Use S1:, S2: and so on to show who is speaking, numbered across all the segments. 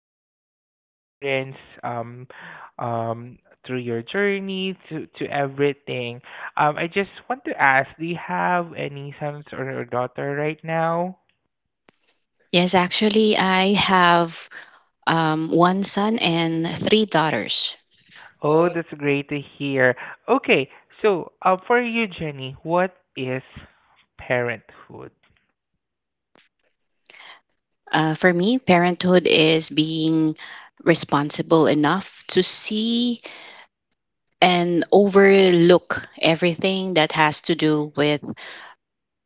S1: a wonderful experience um, um, through your journey to everything. I just want to ask, do you have any sons or a daughter right now?
S2: Yes, actually, I have one son and three daughters.
S1: Oh,
S2: Oh.
S1: that's great to hear. Okay, so for you, Jenny, what is parenthood?
S2: For me, parenthood is being responsible enough to see and overlook everything that has to do with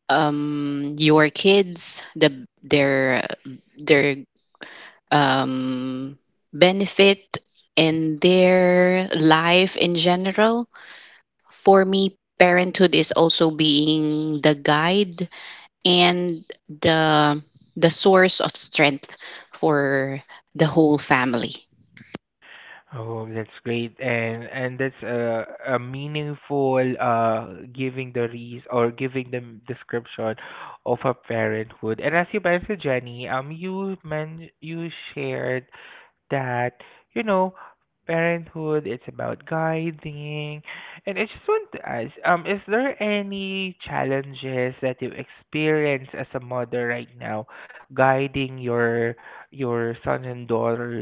S2: your kids, the their um, benefit in their life in general. For me, parenthood is also being the guide and the source of strength for the whole family.
S1: Oh, that's great. And that's a meaningful giving the reason or giving them description of a parenthood. And as you mentioned, Jenny, you shared that, you know, parenthood, it's about guiding. And I just want to ask, is there any challenges that you experience as a mother right now guiding your sons and daughters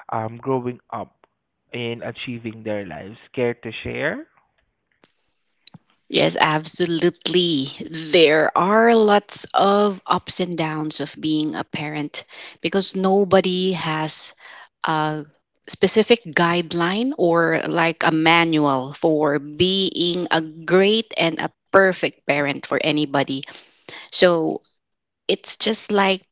S1: growing up and achieving their lives? Care to share?
S2: Yes, absolutely. There are lots of ups and downs of being a parent because nobody has a specific guideline or like a manual for being a great and a perfect parent for anybody. So it's just like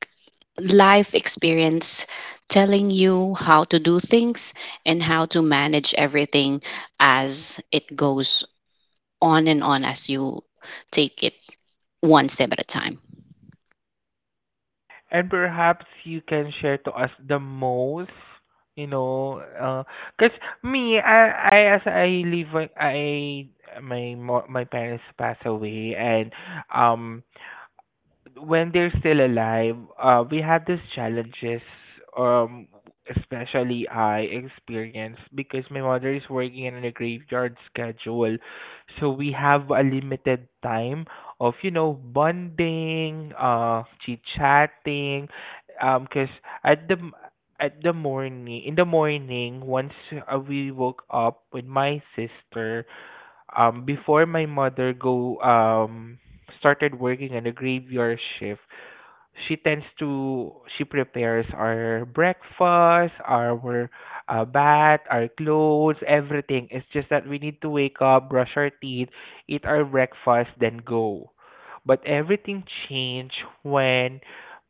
S2: life experience telling you how to do things and how to manage everything as it goes on and on as you take it one step at a time.
S1: And perhaps you can share to us the most, you know, cause me, I as I live, my parents passed away, and um, when they're still alive, we have these challenges, um, especially I experience because my mother is working in a graveyard schedule, so we have a limited time of, you know, bonding, chit chatting, cause at the m- at the morning, in the morning, once we woke up with my sister before my mother go started working in a graveyard shift. She tends to She prepares our breakfast, our bath, our clothes, everything. It's just that we need to wake up, brush our teeth, eat our breakfast, then go. But everything changed when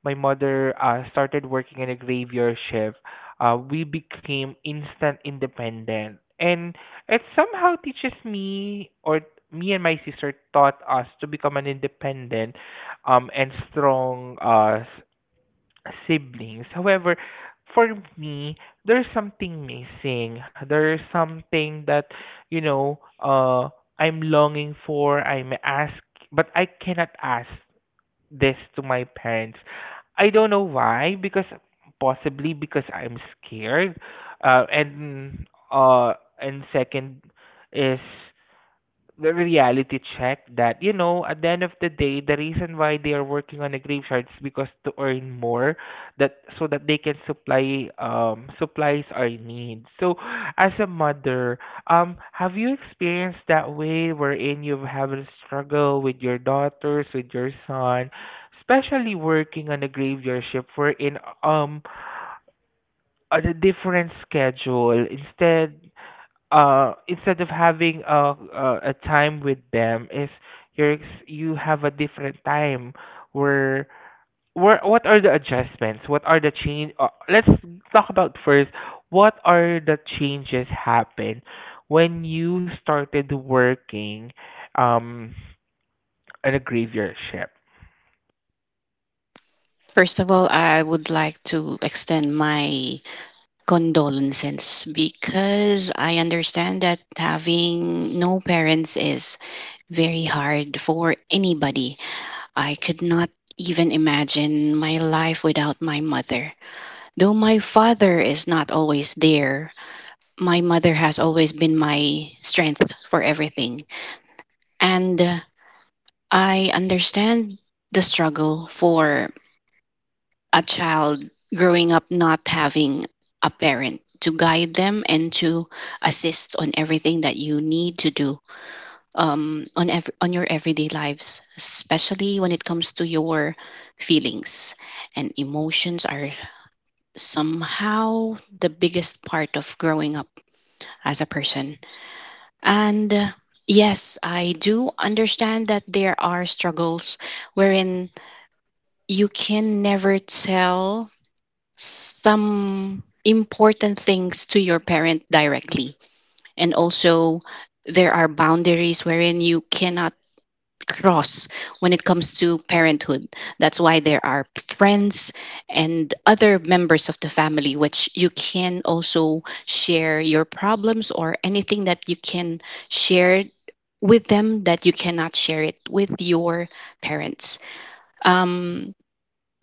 S1: my mother, started working in a graveyard shift. We became instant independent, and it somehow teaches me or me and my sister, taught us to become an independent and strong siblings. However, for me, there's something missing. There's something that, you know, I'm longing for, I'm ask, but I cannot ask this to my parents. I don't know why, because possibly because I'm scared. Uh and uh and second is the reality check that, you know, at the end of the day, the reason why they are working on a graveyard is because to earn more, that so that they can supply, supplies our needs. So as a mother, have you experienced that way, wherein you've a struggle with your daughters, with your son, especially working on a graveyard shift, wherein on a different schedule, instead of having a time with them, is you have a different time where where what are the adjustments, what are the change? Let's talk about first, what are the changes happen when you started working um in a graveyard shift?
S2: First of all, I would like to extend my condolences because I understand that having no parents is very hard for anybody. I could not even imagine my life without my mother. Though my father is not always there, my mother has always been my strength for everything. And I understand the struggle for a child growing up not having a parent to guide them and to assist on everything that you need to do, on on your everyday lives, especially when it comes to your feelings and emotions are somehow the biggest part of growing up as a person. And yes, I do understand that there are struggles wherein you can never tell some important things to your parent directly. And also, there are boundaries wherein you cannot cross when it comes to parenthood. That's why there are friends and other members of the family, which you can also share your problems or anything that you can share with them that you cannot share it with your parents. Um,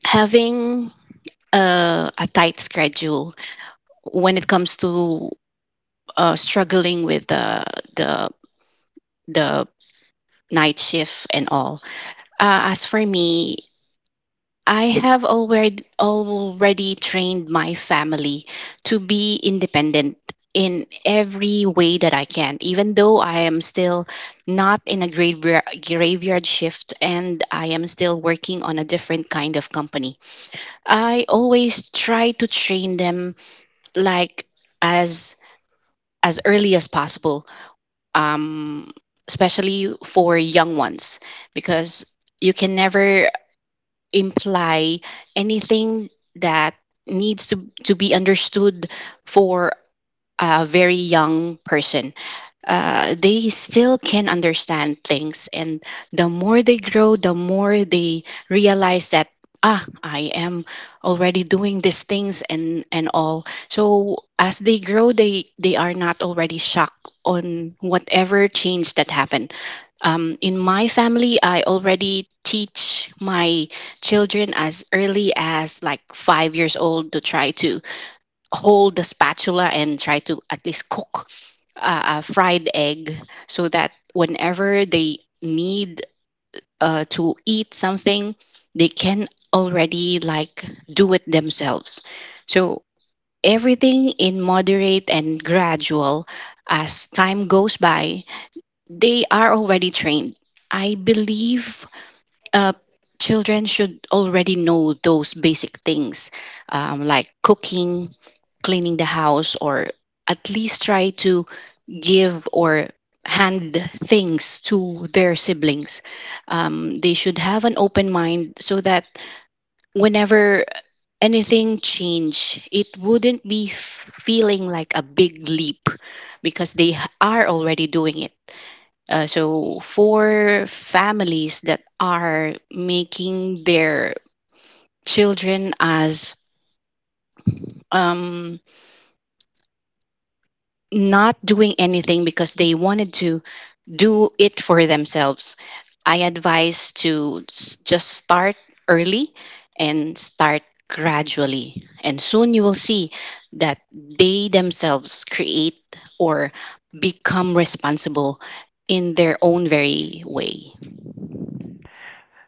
S2: Having a tight schedule when it comes to struggling with the the night shift and all. As for me, I have already trained my family to be independent in every way that I can. Even though I am still not in a graveyard shift and I am still working on a different kind of company, I always try to train them like as as early as possible, um, especially for young ones, because you can never imply anything that needs to be understood for a very young person. They still can understand things. And the more they grow, the more they realize that I am already doing these things and all. So as they grow, they are not already shocked on whatever change that happened. In my family, I already teach my children as early as like 5 years old to try to hold the spatula and try to at least cook a fried egg so that whenever they need to eat something, they can already like do it themselves. So everything in moderate and gradual as time goes by, they are already trained. I believe uh, children should already know those basic things, like cooking, cleaning the house, or at least try to give or hand things to their siblings. They should have an open mind so that whenever anything change, it wouldn't be feeling like a big leap because they are already doing it. So, for families that are making their children as um, not doing anything because they wanted to do it for themselves, I advise to just start early and start gradually. And soon you will see that they themselves create or become responsible in their own very way.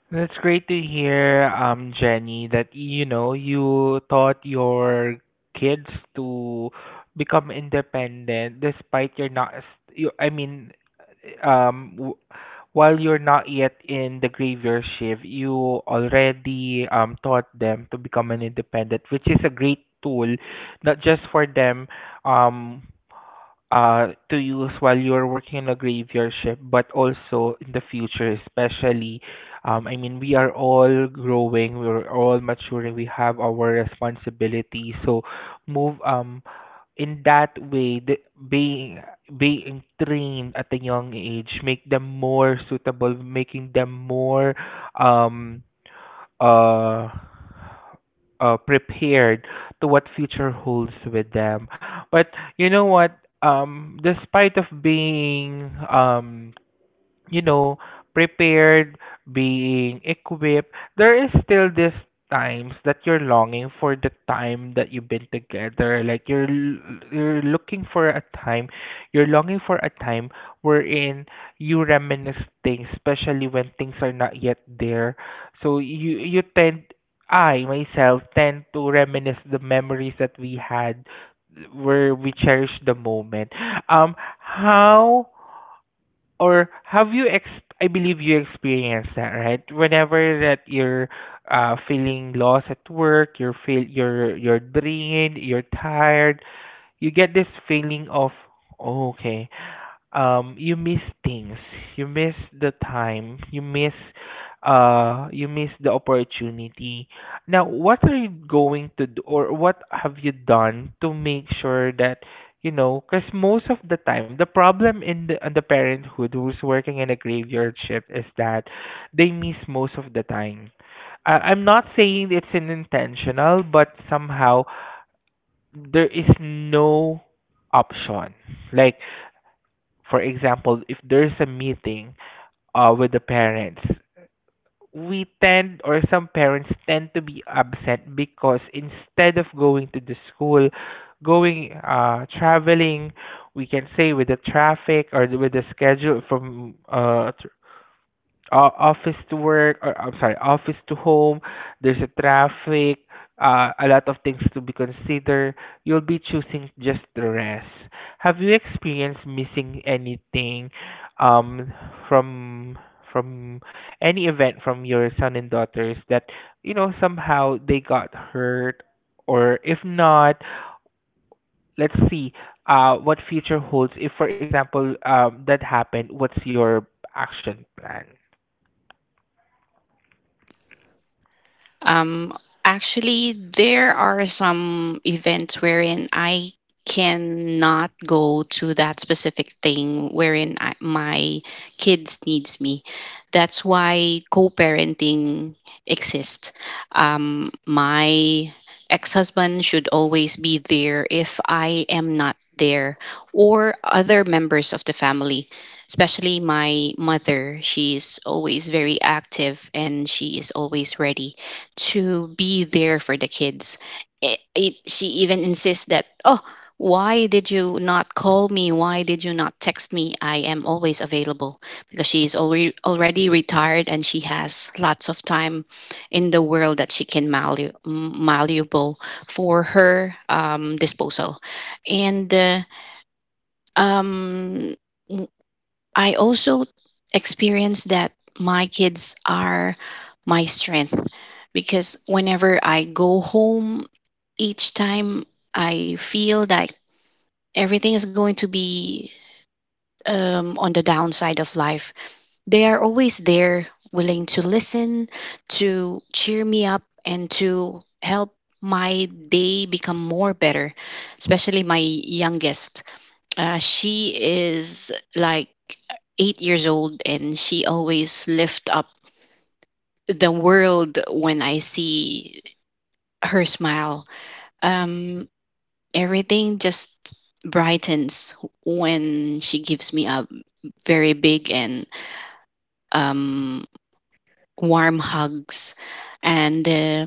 S1: That's great to hear, Jenny, that, you know, you taught your kids to become independent despite you're not, you, I mean, um, w- while you're not yet in the graveyard shift, you already taught them to become an independent, which is a great tool, not just for them, um, to use while you're working in a graveyard shift, but also in the future, especially. I mean, we are all growing, we're all maturing, we have our responsibilities. So, move in that way, being being trained at a young age, make them more suitable, making them more um uh, prepared to what future holds with them. But you know what? Despite of being you know, prepared, being equipped, there is still this times that you're longing for the time that you've been together. Like you're looking for a time, you're longing for a time wherein you reminisce things, especially when things are not yet there. So you tend I myself tend to reminisce the memories that we had where we cherish the moment. How or have you ex I believe you experienced that, right? Whenever that you're feeling lost at work, you're drained, you're tired, you get this feeling of, oh, okay, um, you miss things, you miss the time, you miss the opportunity. Now what are you going to do, or what have you done to make sure that, you know, because most of the time, the problem in in the parenthood who's working in a graveyard shift is that they miss most of the time. I'm not saying it's an intentional, but somehow there is no option. Like, for example, if there's a meeting with the parents, we tend, or some parents tend to be upset because instead of going to the school, going, traveling, we can say with the traffic or with the schedule from office to work, or I'm sorry, office to home, there's a traffic, a lot of things to be considered. You'll be choosing just the rest. Have you experienced missing anything um from from any event from your son and daughters that, you know, somehow they got hurt, or if not, let's see, what future holds, if for example, that happened, what's your action plan?
S2: Um, actually, there are some events wherein I cannot go to that specific thing wherein my kids needs me. That's why co-parenting exists. My ex-husband should always be there if I am not there, or other members of the family, especially my mother. She is always very active and she is always ready to be there for the kids. She even insists that, oh, why did you not call me? Why did you not text me? I am always available because she is already retired and she has lots of time in the world that she can malleable for her disposal. And um, I also experience that my kids are my strength because whenever I go home, each time I feel that everything is going to be on the downside of life, they are always there, willing to listen, to cheer me up, and to help my day become more better, especially my youngest. She is like 8 years old, and she always lift up the world when I see her smile. Um, everything just brightens when she gives me a very big and um, warm hugs, and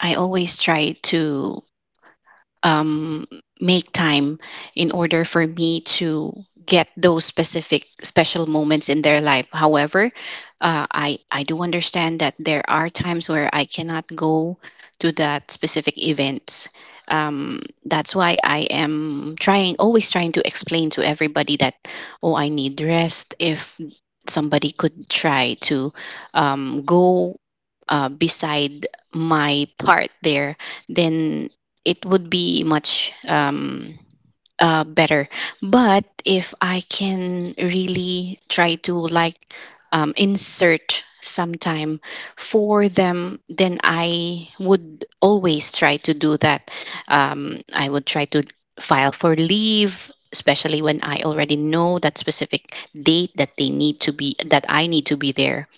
S2: I always try to um, make time in order for me to get those specific special moments in their life. However, I do understand that there are times where I cannot go to that specific events. That's why I am trying, always trying to explain to everybody that, oh, I need rest. If somebody could try to go beside my part there, then it would be much better. But if I can really try to like insert some time for them, then I would always try to do that. I would try to file for leave, especially when I already know that specific date that they need to be that I need to be there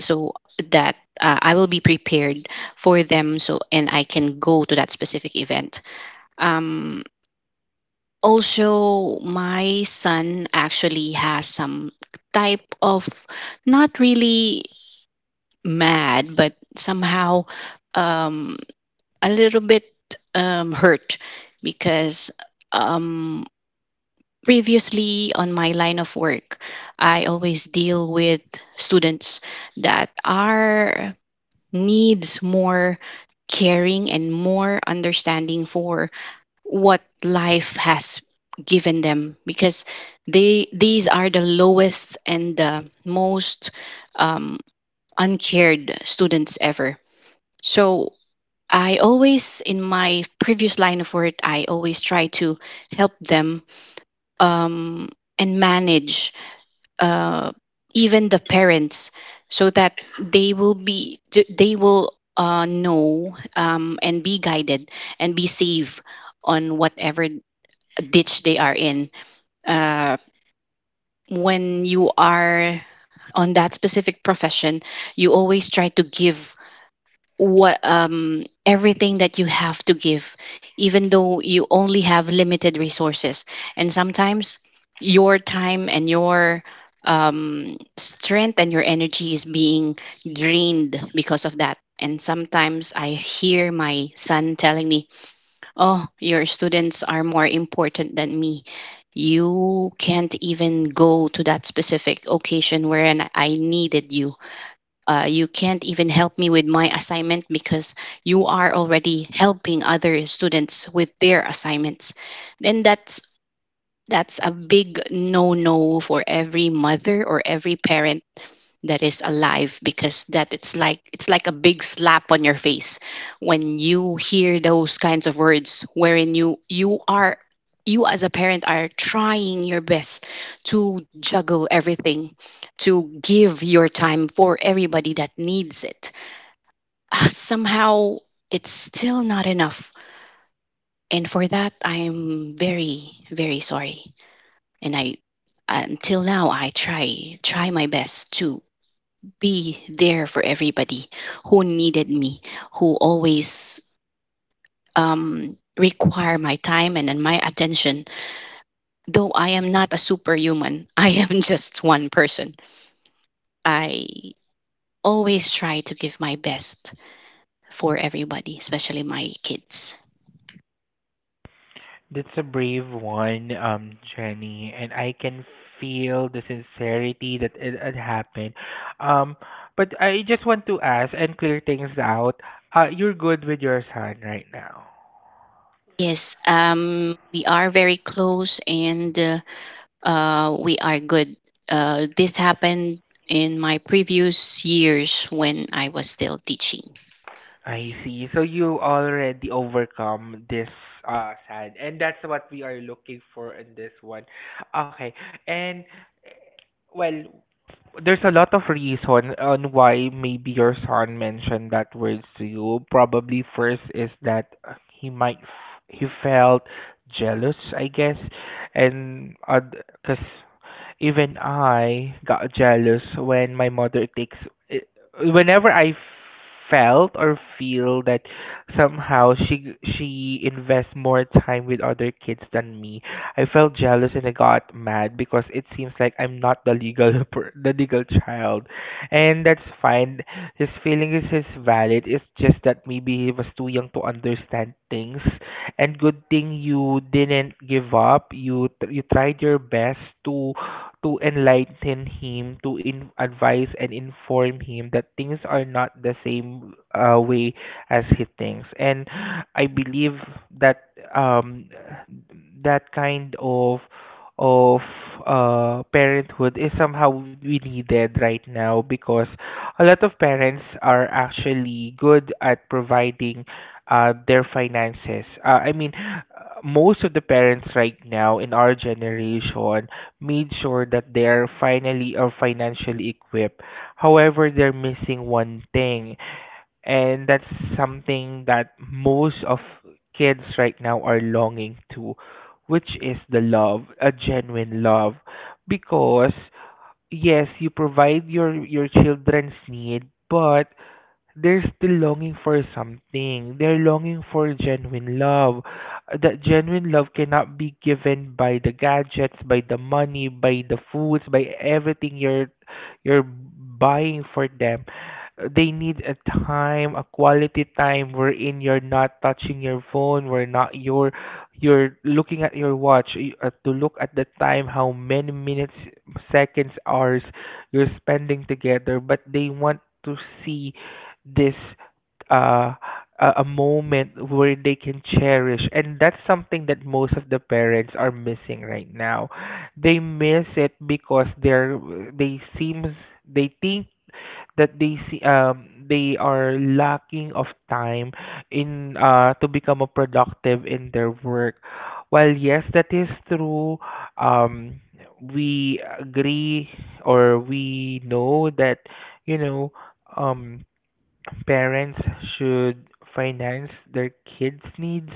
S2: so that I will be prepared for them, so and I can go to that specific event. Um, also, my son actually has some type of not really mad, but somehow um, a little bit hurt because um, previously on my line of work, I always deal with students that are needs more caring and more understanding for what life has given them because they these are the lowest and the most um, uncared students ever. So I always, in my previous line of work, I always try to help them, um, and manage uh, even the parents, so that they will be they will know, and be guided and be safe on whatever ditch they are in. Uh, when you are on that specific profession, you always try to give what everything that you have to give, even though you only have limited resources, and sometimes your time and your strength and your energy is being drained because of that. And sometimes I hear my son telling me, oh, your students are more important than me. You can't even go to that specific occasion wherein I needed you. You can't even help me with my assignment because you are already helping other students with their assignments. Then that's a big no-no for every mother or every parent that is alive, because that it's like a big slap on your face when you hear those kinds of words wherein you are, you as a parent are trying your best to juggle everything, to give your time for everybody that needs it. Ah, somehow it's still not enough, and for that I'm very very sorry. And I, until now, I try my best to be there for everybody who needed me, who always require my time, and my attention. Though I am not a superhuman, I am just one person. I always try to give my best for everybody, especially my kids.
S1: That's a brave one, Jenny, and I can feel the sincerity that it had happened. Um, but I just want to ask and clear things out. You're good with your son right now.
S2: Yes, we are very close and we are good. This happened in my previous years when I was still teaching.
S1: I see. So you already overcome this sad, and that's what we are looking for in this one. Okay, and eh, well, there's a lot of reason on why maybe your son mentioned that words to you. Probably first is that, he felt jealous, I guess, and because even I got jealous when my mother takes. eh, Whenever I felt or feel that somehow she invests more time with other kids than me, I felt jealous and I got mad because it seems like I'm not the legal the legal child, and that's fine. His feeling is valid. It's just that maybe he was too young to understand things, and good thing you didn't give up. You tried your best to to enlighten him, to in, advise and inform him that things are not the same way as he thinks. And I believe that, that kind of of parenthood is somehow we needed right now because a lot of parents are actually good at providing their finances. I mean, most of the parents right now in our generation made sure that they are finally or financially equipped. However, they're missing one thing, and that's something that most of kids right now are longing to, which is the love, a genuine love, because yes, you provide your children's need, but they're still longing for something. They're longing for genuine love. That genuine love cannot be given by the gadgets, by the money, by the foods, by everything you're buying for them. They need a time, a quality time wherein you're not touching your phone, where not you're looking at your watch to look at the time, how many minutes, seconds, hours you're spending together, but they want to see this uh, a moment where they can cherish, and that's something that most of the parents are missing right now. They miss it because they seems they think that they see, they are lacking of time in to become a productive in their work. While yes, that is true, um, we agree or we know that, you know, um, parents should finance their kids' needs,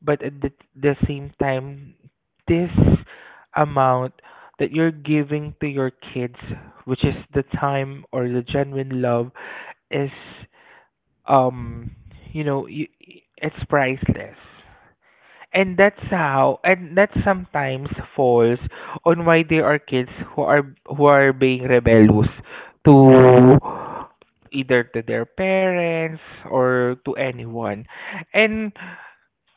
S1: but at the same time, this amount that you're giving to your kids, which is the time or the genuine love, is um, you know, you, it's priceless, and that's how, and that sometimes falls on why there are kids who are being rebellious to, either to their parents or to anyone. And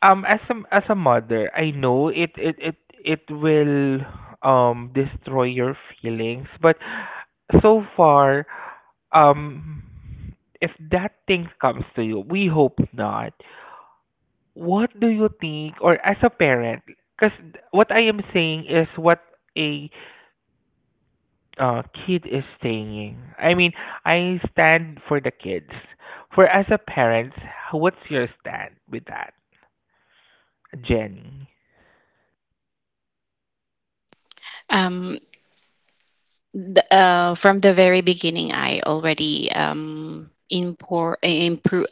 S1: um, as a mother, I know it will destroy your feelings, but so far, um, if that thing comes to you, we hope not, what do you think, or as a parent, because what I am saying is what a, kid is saying. I mean, I stand for the kids. For as a parent, what's your stand with that, Jenny?
S2: Um, from the very beginning, I already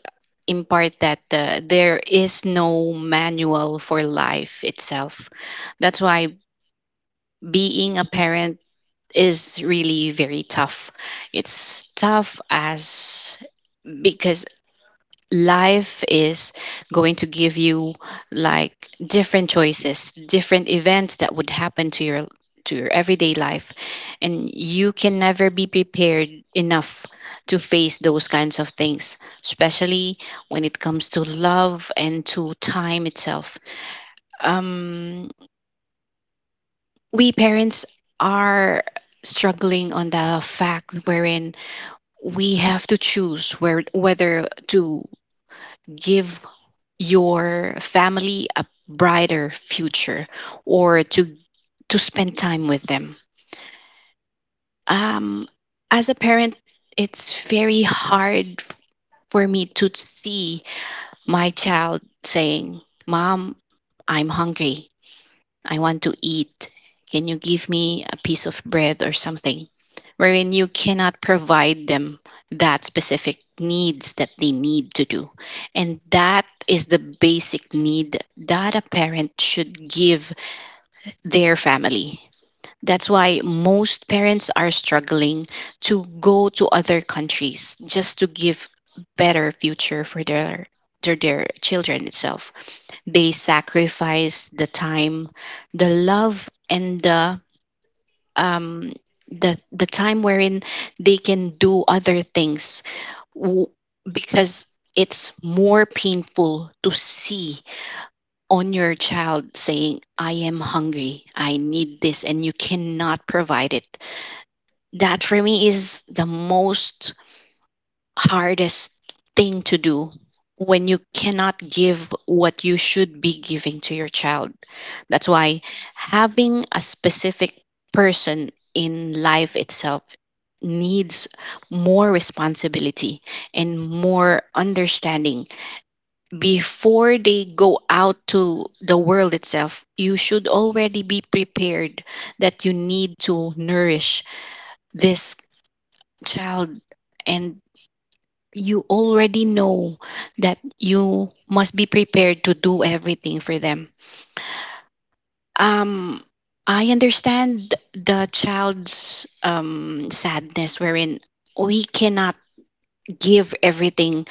S2: impart that there is no manual for life itself. That's why being a parent is really very tough. It's tough as because life is going to give you like different choices, different events that would happen to your everyday life, and you can never be prepared enough to face those kinds of things, especially when it comes to love and to time itself. Um, we parents are struggling on the fact wherein we have to choose where whether to give your family a brighter future or to spend time with them. Um, as a parent, it's very hard for me to see my child saying, "Mom, I'm hungry. I want to eat. Can you give me a piece of bread or something?" Wherein you cannot provide them that specific needs that they need to do. And that is the basic need that a parent should give their family. That's why most parents are struggling to go to other countries just to give better future for their to their children itself, they sacrifice the time, the love, and um, the time wherein they can do other things w- because it's more painful to see on your child saying, "I am hungry, I need this," and you cannot provide it. That for me is the most hardest thing to do when you cannot give what you should be giving to your child. That's why having a specific person in life itself needs more responsibility and more understanding. Before they go out to the world itself, you should already be prepared that you need to nourish this child, and you already know that you must be prepared to do everything for them. Um, I understand the child's sadness, wherein we cannot give everything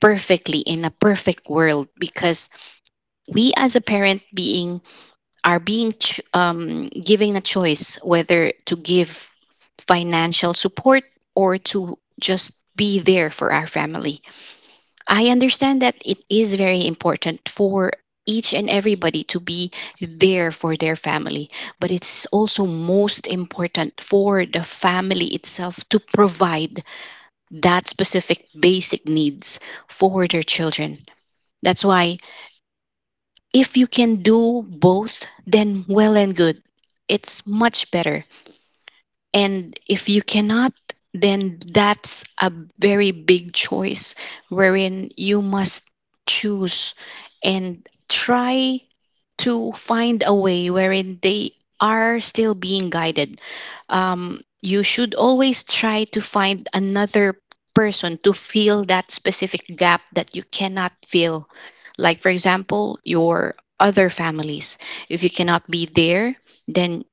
S2: perfectly in a perfect world, because we as a parent being are being giving a choice whether to give financial support or to just be there for our family. I understand that it is very important for each and everybody to be there for their family, but it's also most important for the family itself to provide that specific basic needs for their children. That's why if you can do both, then well and good. It's much better. And if you cannot, then that's a very big choice wherein you must choose and try to find a way wherein they are still being guided. You should always try to find another person to fill that specific gap that you cannot fill. Like, for example, your other families. If you cannot be there, then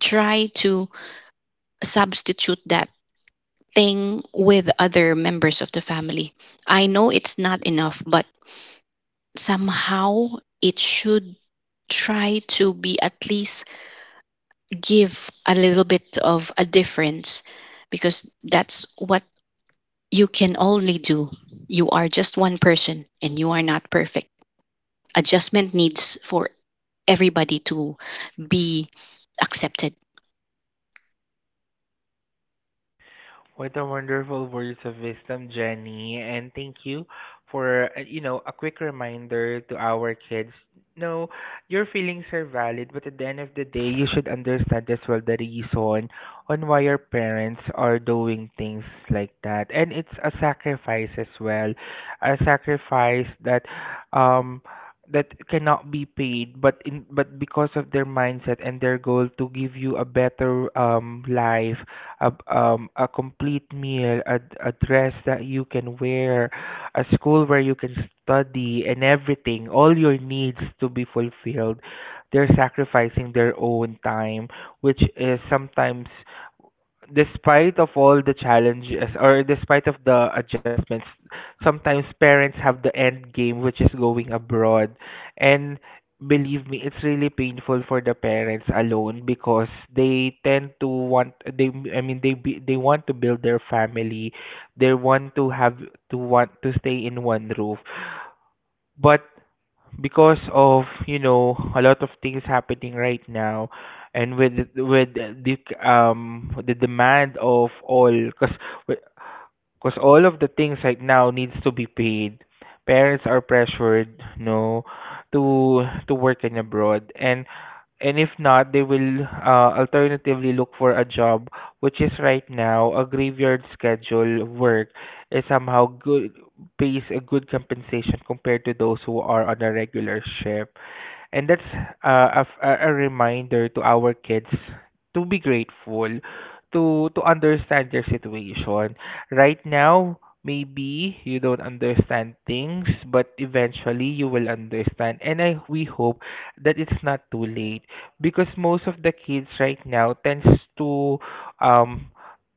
S2: try to substitute that thing with other members of the family. I know it's not enough, but somehow it should try to be at least give a little bit of a difference, because that's what you can only do. You are just one person and you are not perfect. Adjustment needs for everybody to be accepted.
S1: What a wonderful words of wisdom, Jenny. And thank you for, you know, a quick reminder to our kids. No, your feelings are valid, but at the end of the day, you should understand as well the reason on why your parents are doing things like that. And it's a sacrifice as well, a sacrifice that, um, that cannot be paid but in but because of their mindset and their goal to give you a better life, a complete meal, a dress that you can wear, a school where you can study, and everything, all your needs to be fulfilled. They're sacrificing their own time, which is sometimes, despite of all the challenges or despite of the adjustments, sometimes parents have the end game, which is going abroad. And believe me, it's really painful for the parents alone because they tend to want they I mean they be, they want to build their family, they want to want to stay in one roof. But because of, you know, a lot of things happening right now, and with the demand of all, cuz because all of the things right now needs to be paid. Parents are pressured, no, to work in abroad, and if not, they will alternatively look for a job, which is right now a graveyard schedule work, is somehow good, pays a good compensation compared to those who are on a regular shift. And that's a reminder to our kids to be grateful, to to understand their situation. Right now, maybe you don't understand things, but eventually you will understand. And I we hope that it's not too late, because most of the kids right now to um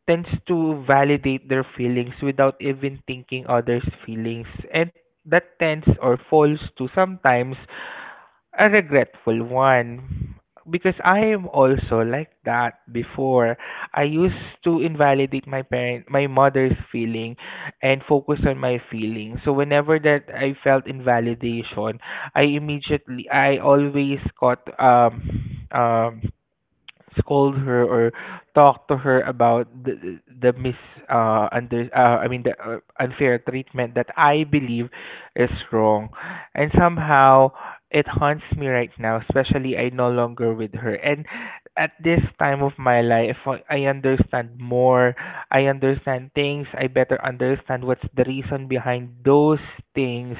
S1: tends to validate their feelings without even thinking others' feelings, and that tends or falls to sometimes a regretful one, because I am also like that before. I used to invalidate my mother's feeling, and focus on my feelings. So whenever that I felt invalidation, I always got scold her, or talk to her about the mis under I mean the unfair treatment that I believe is wrong, and somehow it haunts me right now. Especially I no longer with her, and at this time of my life, I understand more. I understand things. I better understand what's the reason behind those things,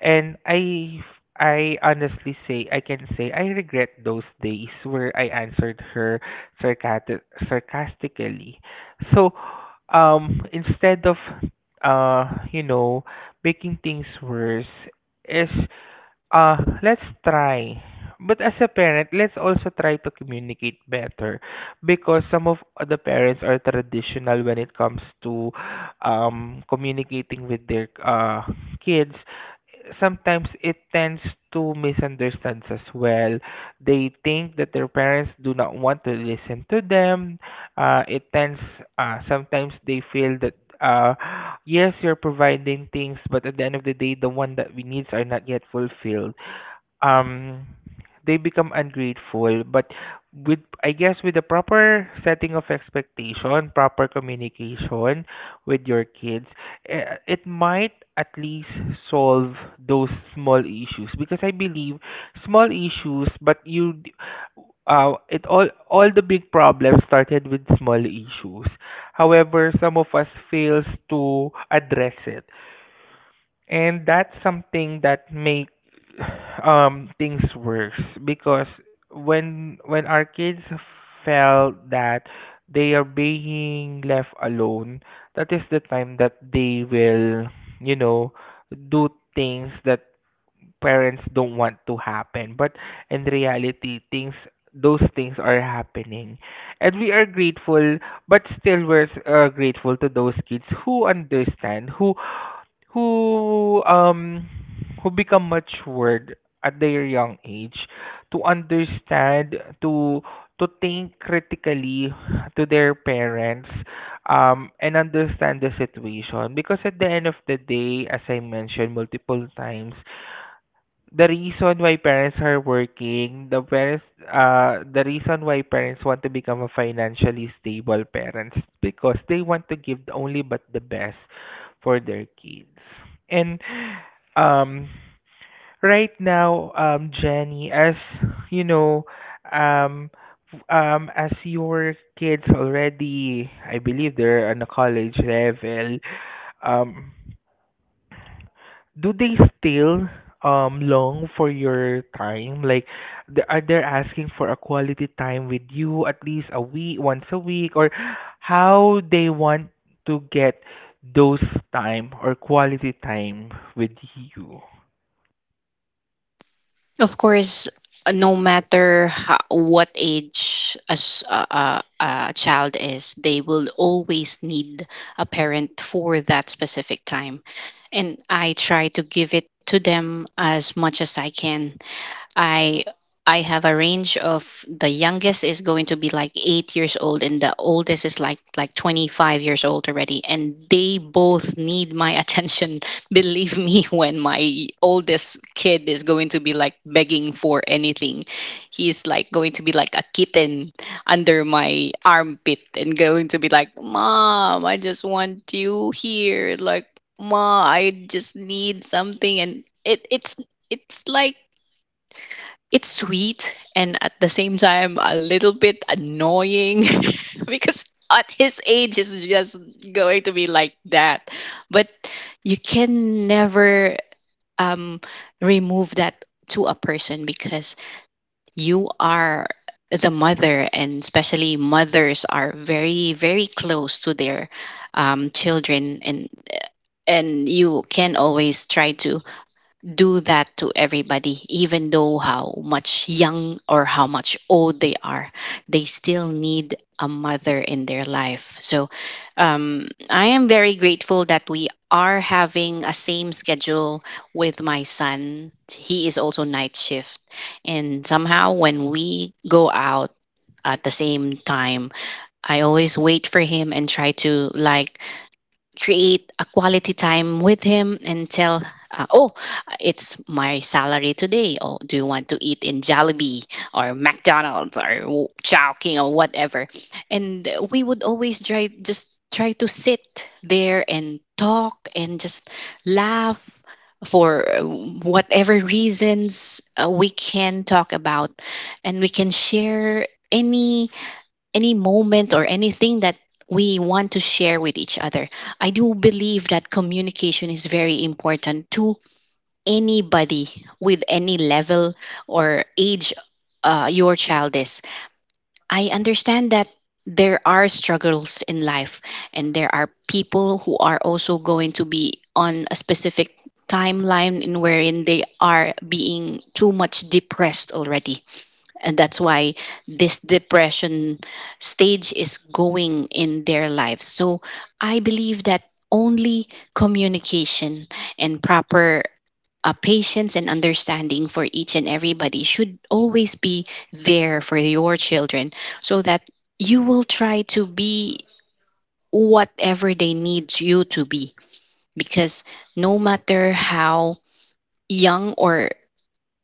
S1: and I honestly say I can say I regret those days where I answered her sarcati- sarcastically. So instead of uh you know making things worse is, let's try. But as a parent, let's also try to communicate better, because some of the parents are traditional when it comes to communicating with their kids. Sometimes it tends to misunderstands as well. They think that their parents do not want to listen to them. It tends, sometimes they feel that, uh, yes, you're providing things, but at the end of the day, the one that we needs are not yet fulfilled. um they become ungrateful. But with, I guess with the proper setting of expectation, proper communication with your kids, it might at least solve those small issues, because I believe small issues, but it all the big problems started with small issues, however some of us fails to address it, and that's something that make things worse. Because when our kids felt that they are being left alone, that is the time that they will, you know, do things that parents don't want to happen. But in reality, things, those things are happening, and we are grateful. But still, we're grateful to those kids who understand, who who um who become matured at their young age, to understand, to think critically to their parents, and understand the situation, because at the end of the day, as I mentioned multiple times, the reason why parents are working, the reason why parents want to become a financially stable parents, because they want to give the only but the best for their kids. And um, right now, Jenny, as you know, um, as your kids already, I believe they're on a college level, um, do they still long for your time? Like, are they asking for a quality time with you, at least a week, once a week, or how they want to get those time or quality time with you?
S2: Of course, no matter how, what age a, s- a child is, they will always need a parent for that specific time. And I try to give it to them as much as I can. I I have a range of the youngest is going to be like 8 years old, and the oldest is like 25 years old already, and they both need my attention. Believe me, when my oldest kid is going to be like begging for anything, he's like going to be like a kitten under my armpit and going to be like, "Mom, I just want you here," like, "Ma, I just need something." And it it's it's like, it's sweet and at the same time a little bit annoying because at his age is just going to be like that. But you can never um, remove that to a person because you are the mother, and especially mothers are very very close to their children, and you can always try to do that to everybody, even though how much young or how much old they are, they still need a mother in their life. So I am very grateful that we are having a same schedule with my son. He is also night shift. And somehow when we go out at the same time, I always wait for him and try to like create a quality time with him and tell, oh, it's my salary today. Oh, do you want to eat in Jollibee or McDonald's or Chow King or whatever? And we would always try, just try, to sit there and talk and just laugh for whatever reasons we can talk about, and we can share any moment or anything that we want to share with each other. I do believe that communication is very important to anybody with any level or age your child is. I understand that there are struggles in life, and there are people who are also going to be on a specific timeline in wherein they are being too much depressed already, and that's why this depression stage is going in their lives. So I believe that only communication and proper patience and understanding for each and everybody should always be there for your children, so that you will try to be whatever they need you to be, because no matter how young or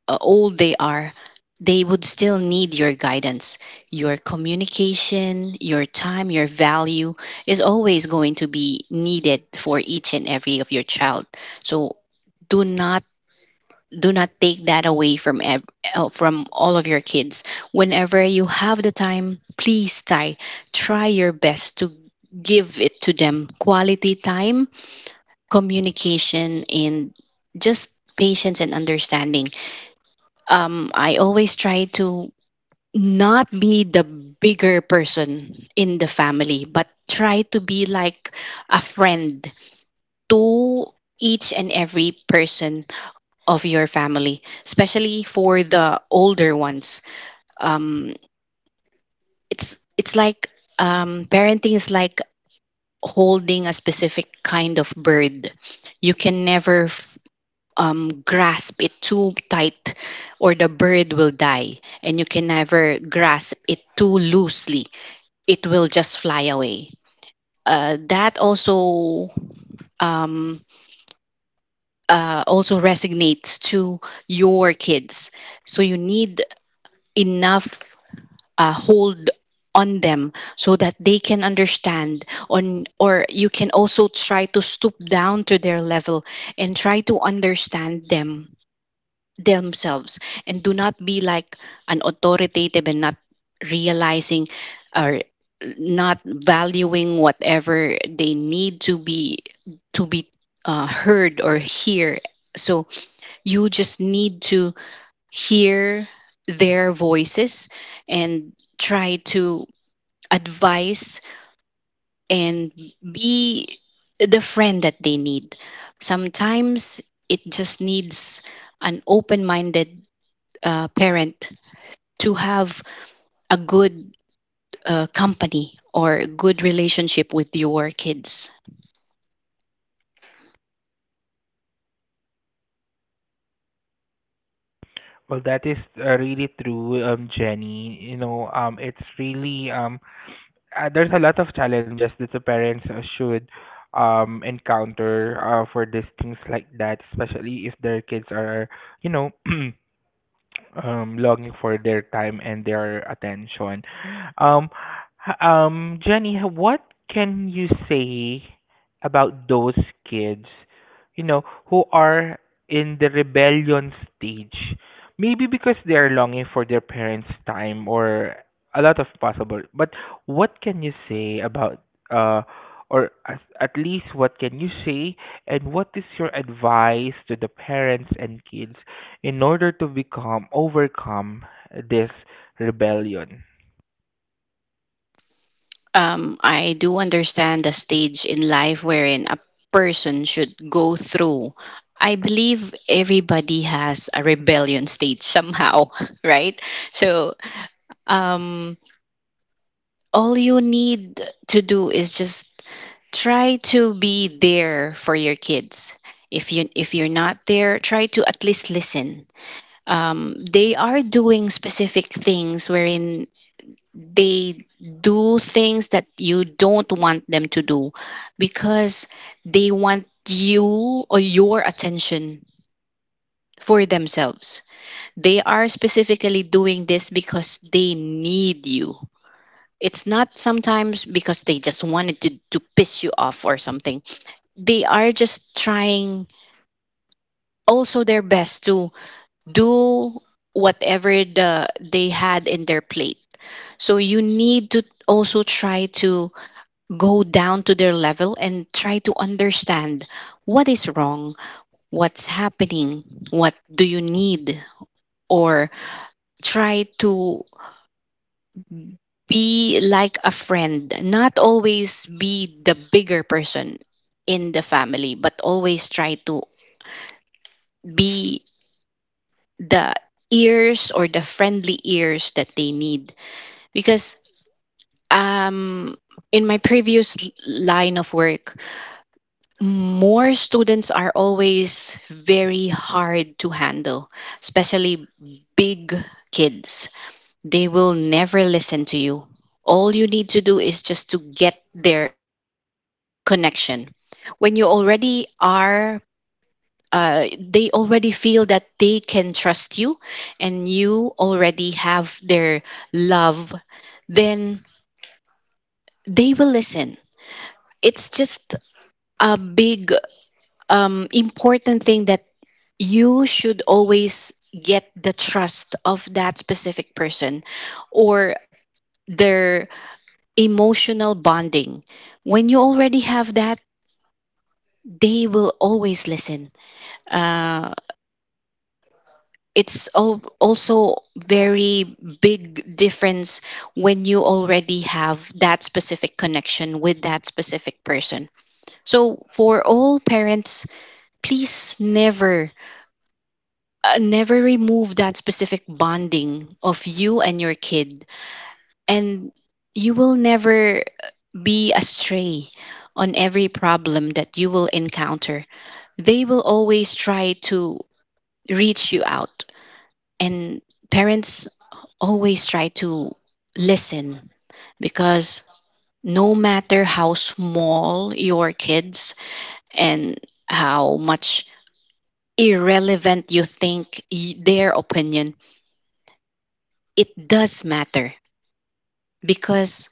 S2: old they are, they would still need your guidance. Your communication, your time, your value is always going to be needed for each and every of your child. So do not do not take that away from from all of your kids. Whenever you have the time, please try, try your best to give it to them quality time, communication, and just patience and understanding. I always try to not be the bigger person in the family, but try to be like a friend to each and every person of your family, especially for the older ones. Um, it's like, parenting is like holding a specific kind of bird. You can never grasp it too tight or the bird will die. And you can never grasp it too loosely, it will just fly away. That also, um, also resonates to your kids. So you need enough hold on them so that they can understand on, or you can also try to stoop down to their level and try to understand them themselves, and do not be like an authoritative and not realizing or not valuing whatever they need to be heard or hear. So you just need to hear their voices and try to advise and be the friend that they need. Sometimes it just needs an open-minded parent to have a good company or good relationship with your kids.
S1: Well, that is really true, Jenny. You know, it's really there's a lot of challenges that the parents should encounter, for these things like that, especially if their kids are, you know, longing for their time and their attention. Um, Jenny, what can you say about those kids, you know, who are in the rebellion stage? Maybe because they're longing for their parents' time, or a lot of possible. But what can you say about uh or, at least, what can you say, and what is your advice to the parents and kids in order to become overcome this rebellion?
S2: I do understand the stage in life wherein a person should go through. I believe everybody has a rebellion stage somehow, right? So, um, all you need to do is just try to be there for your kids. If you're not there, try to at least listen. They are doing specific things wherein they do things that you don't want them to do because they want you or your attention for themselves. They are specifically doing this because they need you. It's not sometimes because they just wanted to piss you off or something. They are just trying also their best to do whatever the they had in their plate. So you need to also try to go down to their level and try to understand what is wrong, what's happening, what do you need, or try to be like a friend, not always be the bigger person in the family, but always try to be the ears or the friendly ears that they need. Because um, in my previous line of work, more students are always very hard to handle, especially big kids. They will never listen to you. All you need to do is just to get their emotional connection. When you already are, they already feel that they can trust you and you already have their love, then they will listen. It's just a big important thing that you should always get the trust of that specific person or their emotional bonding. When you already have that, they will always listen. Uh, it's also very big difference when you already have that specific connection with that specific person. So for all parents, please never, never remove that specific bonding of you and your kid, and you will never be astray on every problem that you will encounter. They will always try to reach you out, and parents always try to listen, because no matter how small your kids and how much irrelevant you think their opinion, it does matter because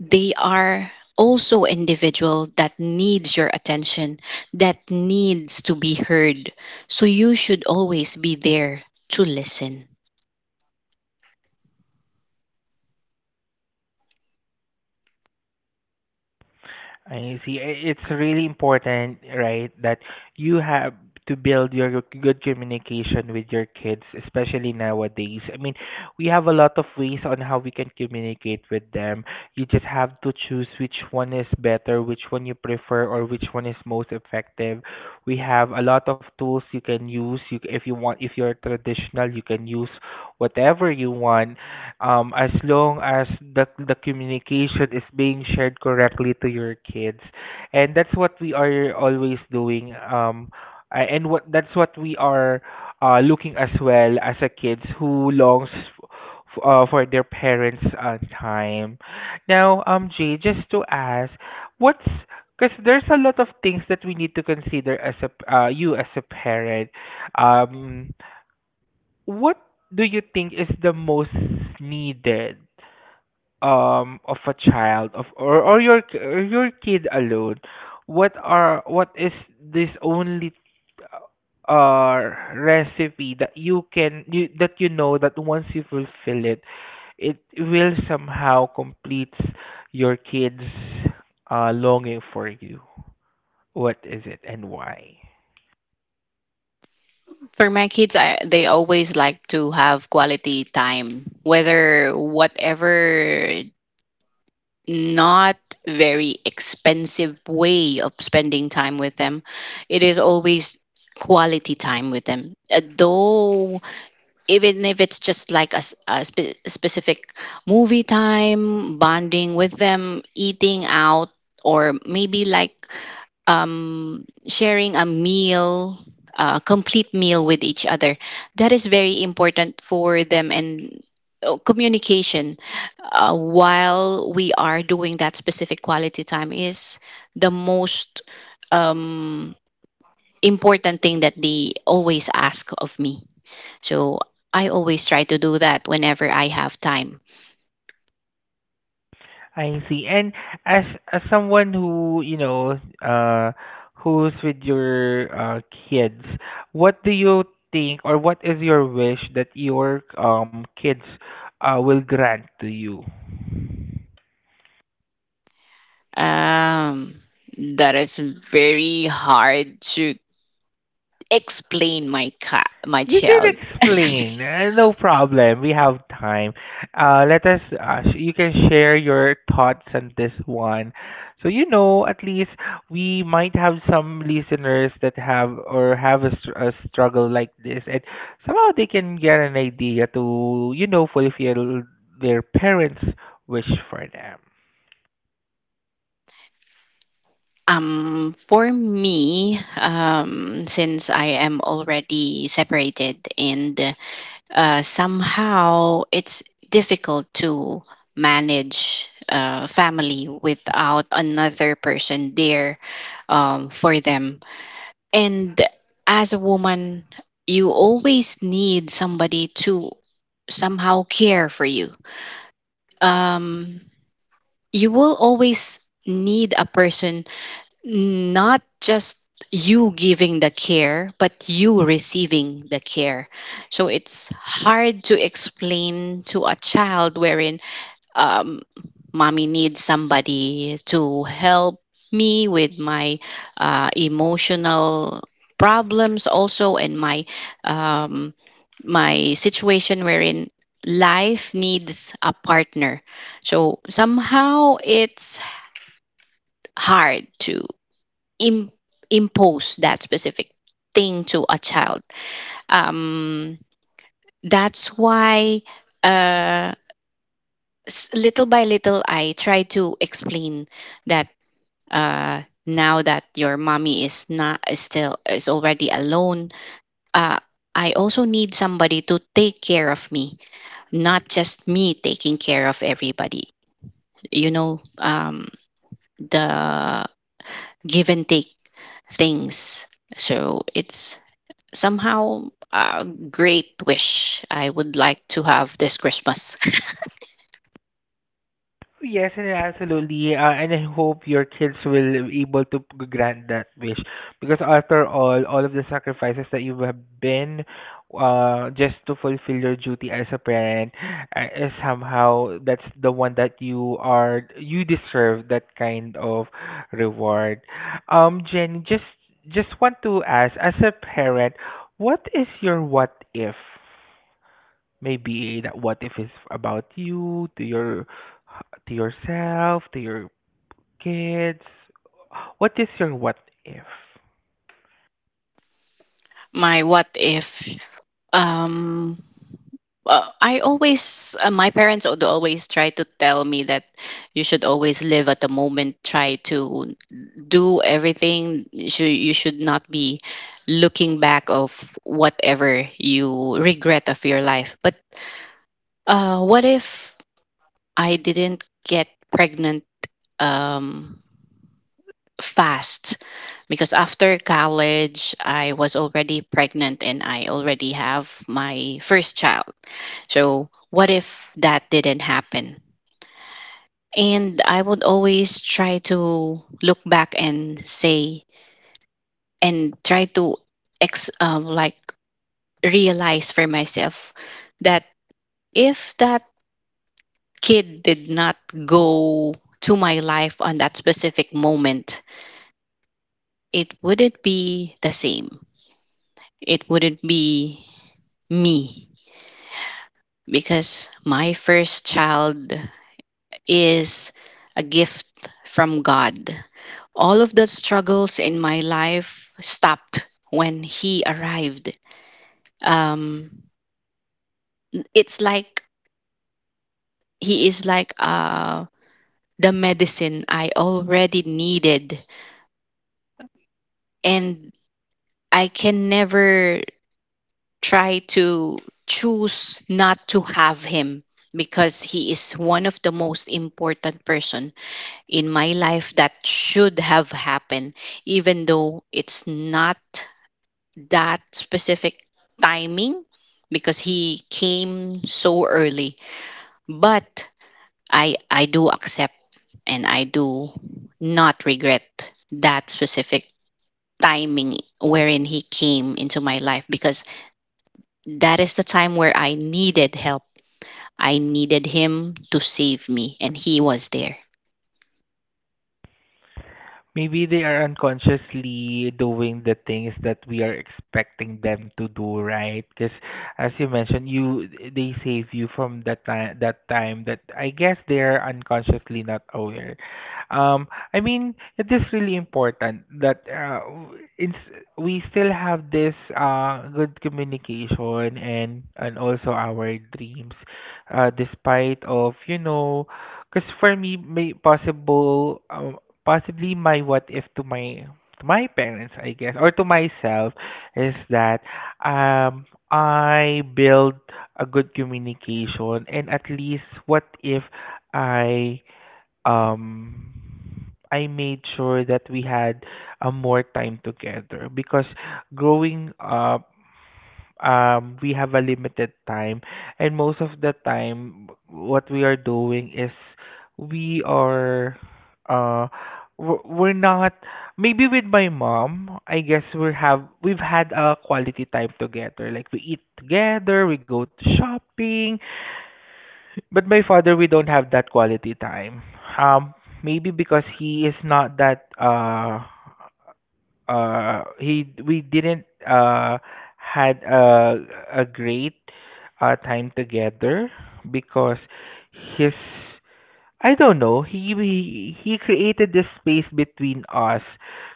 S2: they are also individual that needs your attention, that needs to be heard, so you should always be there to listen.
S1: And you see, it's really important, right, that you have to build your good communication with your kids, especially nowadays. I mean, we have a lot of ways on how we can communicate with them. You just have to choose which one is better, which one you prefer, or which one is most effective. We have a lot of tools you can use. You, if you want, if you're traditional, you can use whatever you want, as long as the communication is being shared correctly to your kids, and that's what we are always doing. And what that's what we are looking as well, as a kids who longs for their parents' time. Now, Jay, just to ask, what's because there's a lot of things that we need to consider as a you as a parent. Um, what do you think is the most needed of a child, of or or your kid alone? What is this only uh recipe that you can you that you know, that once you fulfill it, it will somehow completes your kids longing for you? What is it, and why?
S2: For my kids, they always like to have quality time, whether whatever, not very expensive way of spending time with them, it is always quality time with them. Though even if it's just like a specific movie time bonding with them, eating out, or maybe like, sharing a meal, a complete meal with each other, that is very important for them. And communication while we are doing that specific quality time is the most um, important thing that they always ask of me. So I always try to do that whenever I have time.
S1: I see. And as as someone who, you know, who's with your kids, what do you think, or what is your wish that your kids will grant to you?
S2: Um, that is very hard to explain. My cat, my
S1: You can
S2: child.
S1: explain. No problem. We have time. You can share your thoughts on this one. So, you know, at least we might have some listeners that have or have a, a struggle like this, and somehow they can get an idea to, you know, fulfill their parents' wish for them.
S2: For me, since I am already separated and somehow it's difficult to manage family without another person there, for them. And as a woman, you always need somebody to somehow care for you. Um, you will always need a person, not just you giving the care, but you receiving the care. So it's hard to explain to a child wherein, um, mommy needs somebody to help me with my emotional problems also and my um, my situation wherein life needs a partner. So somehow it's hard to Im- impose that specific thing to a child. um, that's why, uh, little by little, I try to explain that, now that your mommy is not is still is already alone, uh, I also need somebody to take care of me, not just me taking care of everybody, you know. The give and take things. So it's somehow a great wish I would like to have this Christmas.
S1: Yes, and absolutely. And I hope your kids will be able to grant that wish. Because after all of the sacrifices that you have been, just to fulfill your duty as a parent, is somehow, that's the one that you are, you deserve that kind of reward. Jenny, just want to ask, as a parent, what is your what if? Maybe that what if is about you, to your, to yourself, to your kids. What is your what if?
S2: My what if, um I always, my parents would always try to tell me that you should always live at the moment, try to do everything. You should not be looking back of whatever you regret of your life. But what if I didn't get pregnant um, fast? Because after college I was already pregnant and I already have my first child. So what if that didn't happen? And I would always try to look back and say, and try to ex like realize for myself that if that kid did not go to my life on that specific moment, it wouldn't be the same, it wouldn't be me. Because my first child is a gift from God. All of the struggles in my life stopped when he arrived. Um, it's like he is like, the medicine I already needed, and I can never try to choose not to have him, because he is one of the most important person in my life that should have happened, even though it's not that specific timing because he came so early. But I do accept and I do not regret that specific timing wherein he came into my life, because that is the time where I needed help. I needed him to save me, and he was there.
S1: Maybe they are unconsciously doing the things that we are expecting them to do, right? Because as you mentioned, you they save you from that time, that time that I guess they are unconsciously not aware. Um, I mean, it is really important that, it's, we still have this good communication, and also our dreams, despite of, you know, because for me, may possible, possibly my what if to my, to my parents, I guess, or to myself, is that um I build a good communication, and at least what if I um I made sure that we had a more time together, because growing up, we have a limited time, and most of the time, what we are doing is we are, uh, we're not, maybe with my mom. I guess we have, we've had a quality time together. Like, we eat together, we go to shopping. But my father, we don't have that quality time. Um, maybe because he is not that he, we didn't had a great time together, because his, I don't know, he created this space between us.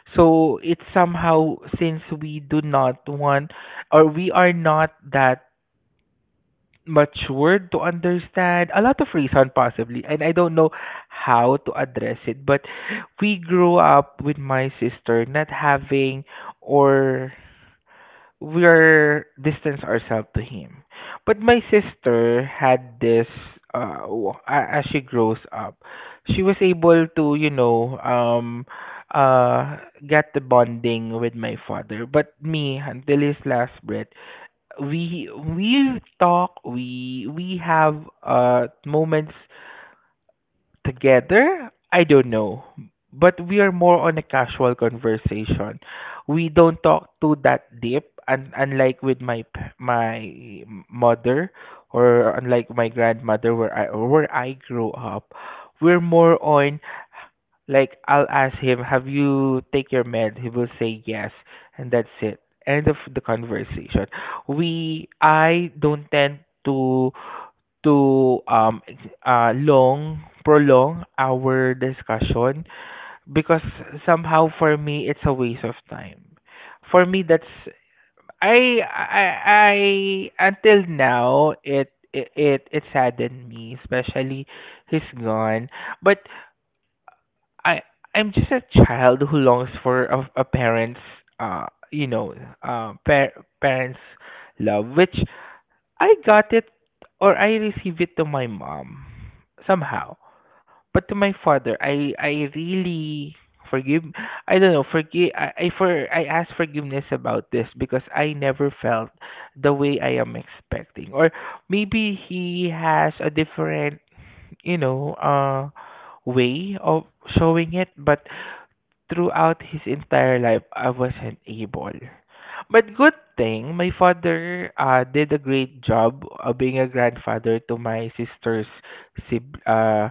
S1: So it's somehow, since we do not want, or we are not that much word to understand, a lot of reason possibly, and I don't know how to address it. But we grew up with my sister not having, or we're distance ourselves to him. But my sister had this as she grows up, she was able to, you know, uh get the bonding with my father. But me, until his last breath, we we talk we have moments together, I don't know, but we are more on a casual conversation. We don't talk to that deep, and unlike with my mother, or unlike my grandmother where I grew up, we're more on like I'll ask him, "Have you take your med?" He will say yes, and that's it. End of the conversation. We I don't tend to to long prolong our discussion because somehow for me it's a waste of time. For me that's I, I until now it saddened me, especially he's gone. But I, I'm just a child who longs for a parent's uh you know uh par- parents love, which I got it, or I received it to my mom somehow. But to my father, I really forgive. I don't know. Forgive. I ask forgiveness about this because I never felt the way I am expecting, or maybe he has a different, you know, uh, way of showing it. But throughout his entire life, I wasn't able. But good thing, my father did a great job of being a grandfather to my sister's sib- uh,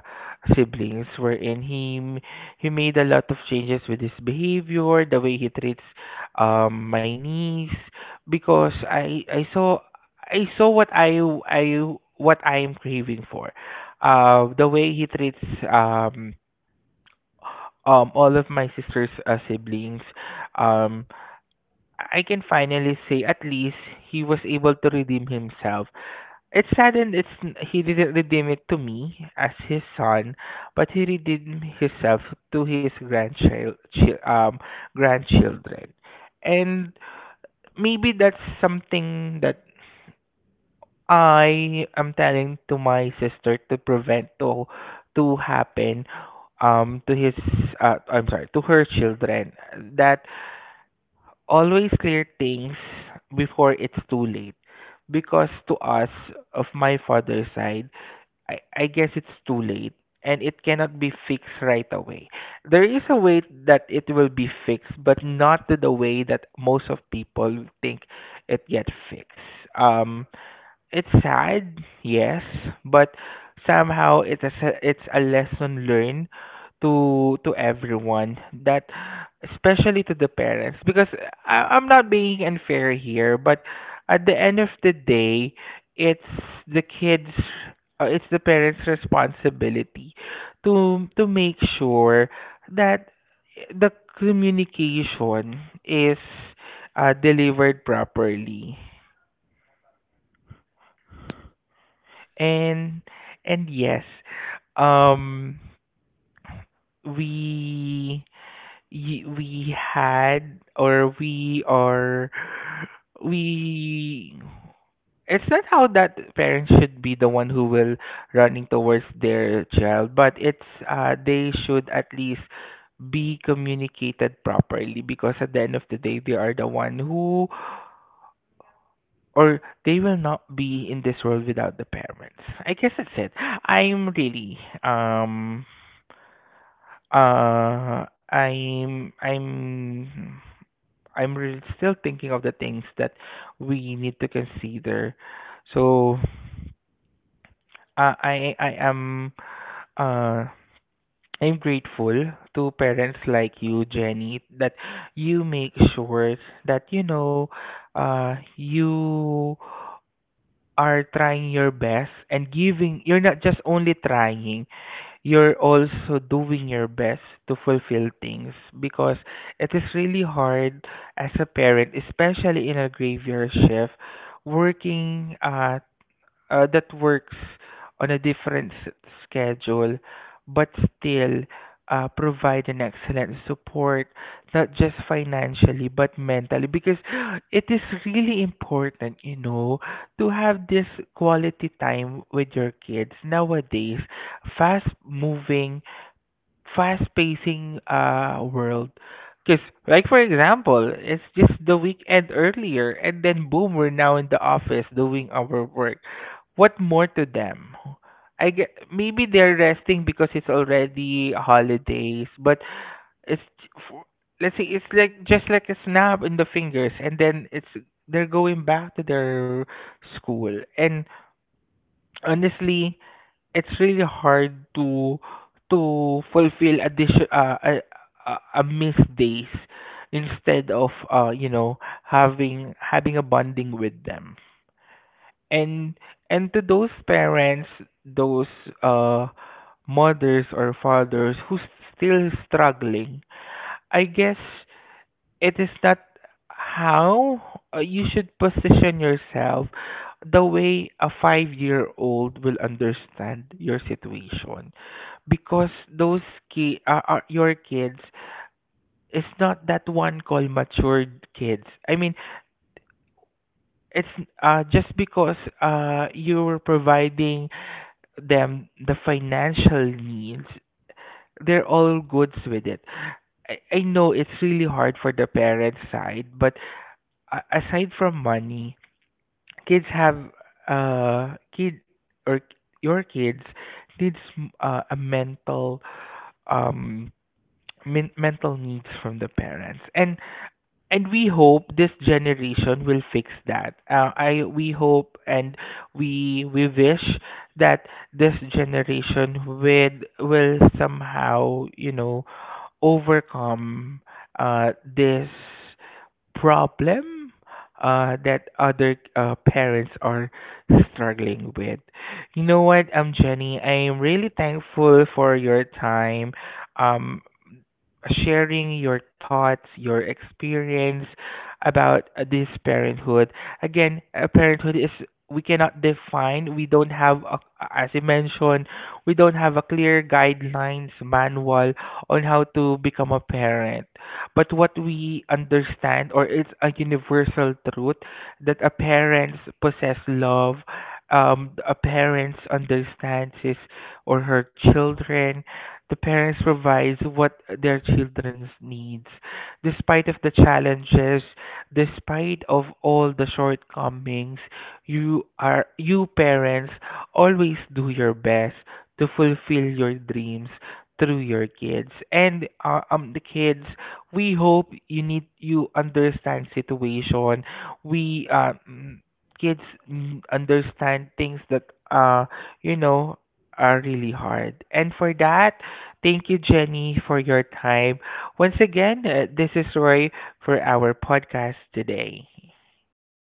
S1: siblings, wherein he made a lot of changes with his behavior, the way he treats my niece, because I saw what I what I am craving for, the way he treats um all of my sister's siblings. Um I can finally say at least he was able to redeem himself. It's sad, and it's he didn't redeem it to me as his son, but he redeemed himself to his grandchildren. And maybe that's something that I am telling to my sister, to prevent to happen to his I'm sorry, to her children, that always clear things before it's too late. Because to us, of my father's side, I guess it's too late, and it cannot be fixed right away. There is a way that it will be fixed, but not to the way that most of people think it gets fixed. Um, it's sad, yes, but somehow it's a lesson learned to everyone, that especially to the parents, because I'm not being unfair here, but at the end of the day, it's the kids, it's the parents' responsibility to make sure that the communication is delivered properly. And and yes, um, we y- we had or we are we. It's not how that parents should be the one who will running towards their child, but it's they should at least be communicated properly, because at the end of the day they are the one who, or they will not be in this world without the parents. I guess that's it. I'm really um Uh, I'm I'm I'm really still thinking of the things that we need to consider. So, uh, I I am uh I'm grateful to parents like you, Jenny, that you make sure that, you know, you are trying your best, and giving you're not just only trying, you're also doing your best to fulfill things, because it is really hard as a parent, especially in a graveyard shift, working, that works on schedule, but still provide an excellent support, not just financially but mentally, because it is really important, you know, to have this quality time with your kids. Nowadays, fast moving, fast pacing world, because like for example it's just the weekend earlier and then boom, we're now in the office doing our work. What more to them? I get, maybe they're resting because it's already holidays, but it's, for, let's say it's like just like a snap in the fingers, and then it's they're going back to their school. And honestly, it's really hard to fulfill addition, a missed days, instead of, uh, you know, having a bonding with them. and and to those parents, those uh mothers or fathers who's still struggling, I guess it is not how you should position yourself the way a 5-year-old old will understand your situation, because those are your kids, is not that one called matured kids, I mean it's just because you're providing them the financial needs, they're all goods with it. I know it's really hard for the parent side, but aside from money, kids have kid or your kids needs a mental, um mental needs from the parents. And we hope this generation will fix that, I we hope, and we wish that this generation will somehow, you know, overcome this problem that other parents are struggling with. You know what, Jenny, I am really thankful for your time. Um, sharing your thoughts, your experience about this parenthood. Again, parenthood is we cannot define. We don't have, a, as you mentioned, we don't have a clear guidelines manual on how to become a parent. But what we understand, or it's a universal truth, that a parents possess love. A parents understands his or her children, the parents provides what their children's needs, despite of the challenges, despite of all the shortcomings. You are, you parents, always do your best to fulfill your dreams through your kids. And the kids, we hope you need, you understand situation. We, mm, kids, mm, understand things that, uh you know, are really hard. And for that, thank you, Jenny, for your time. Once again, this is Roy for our podcast today.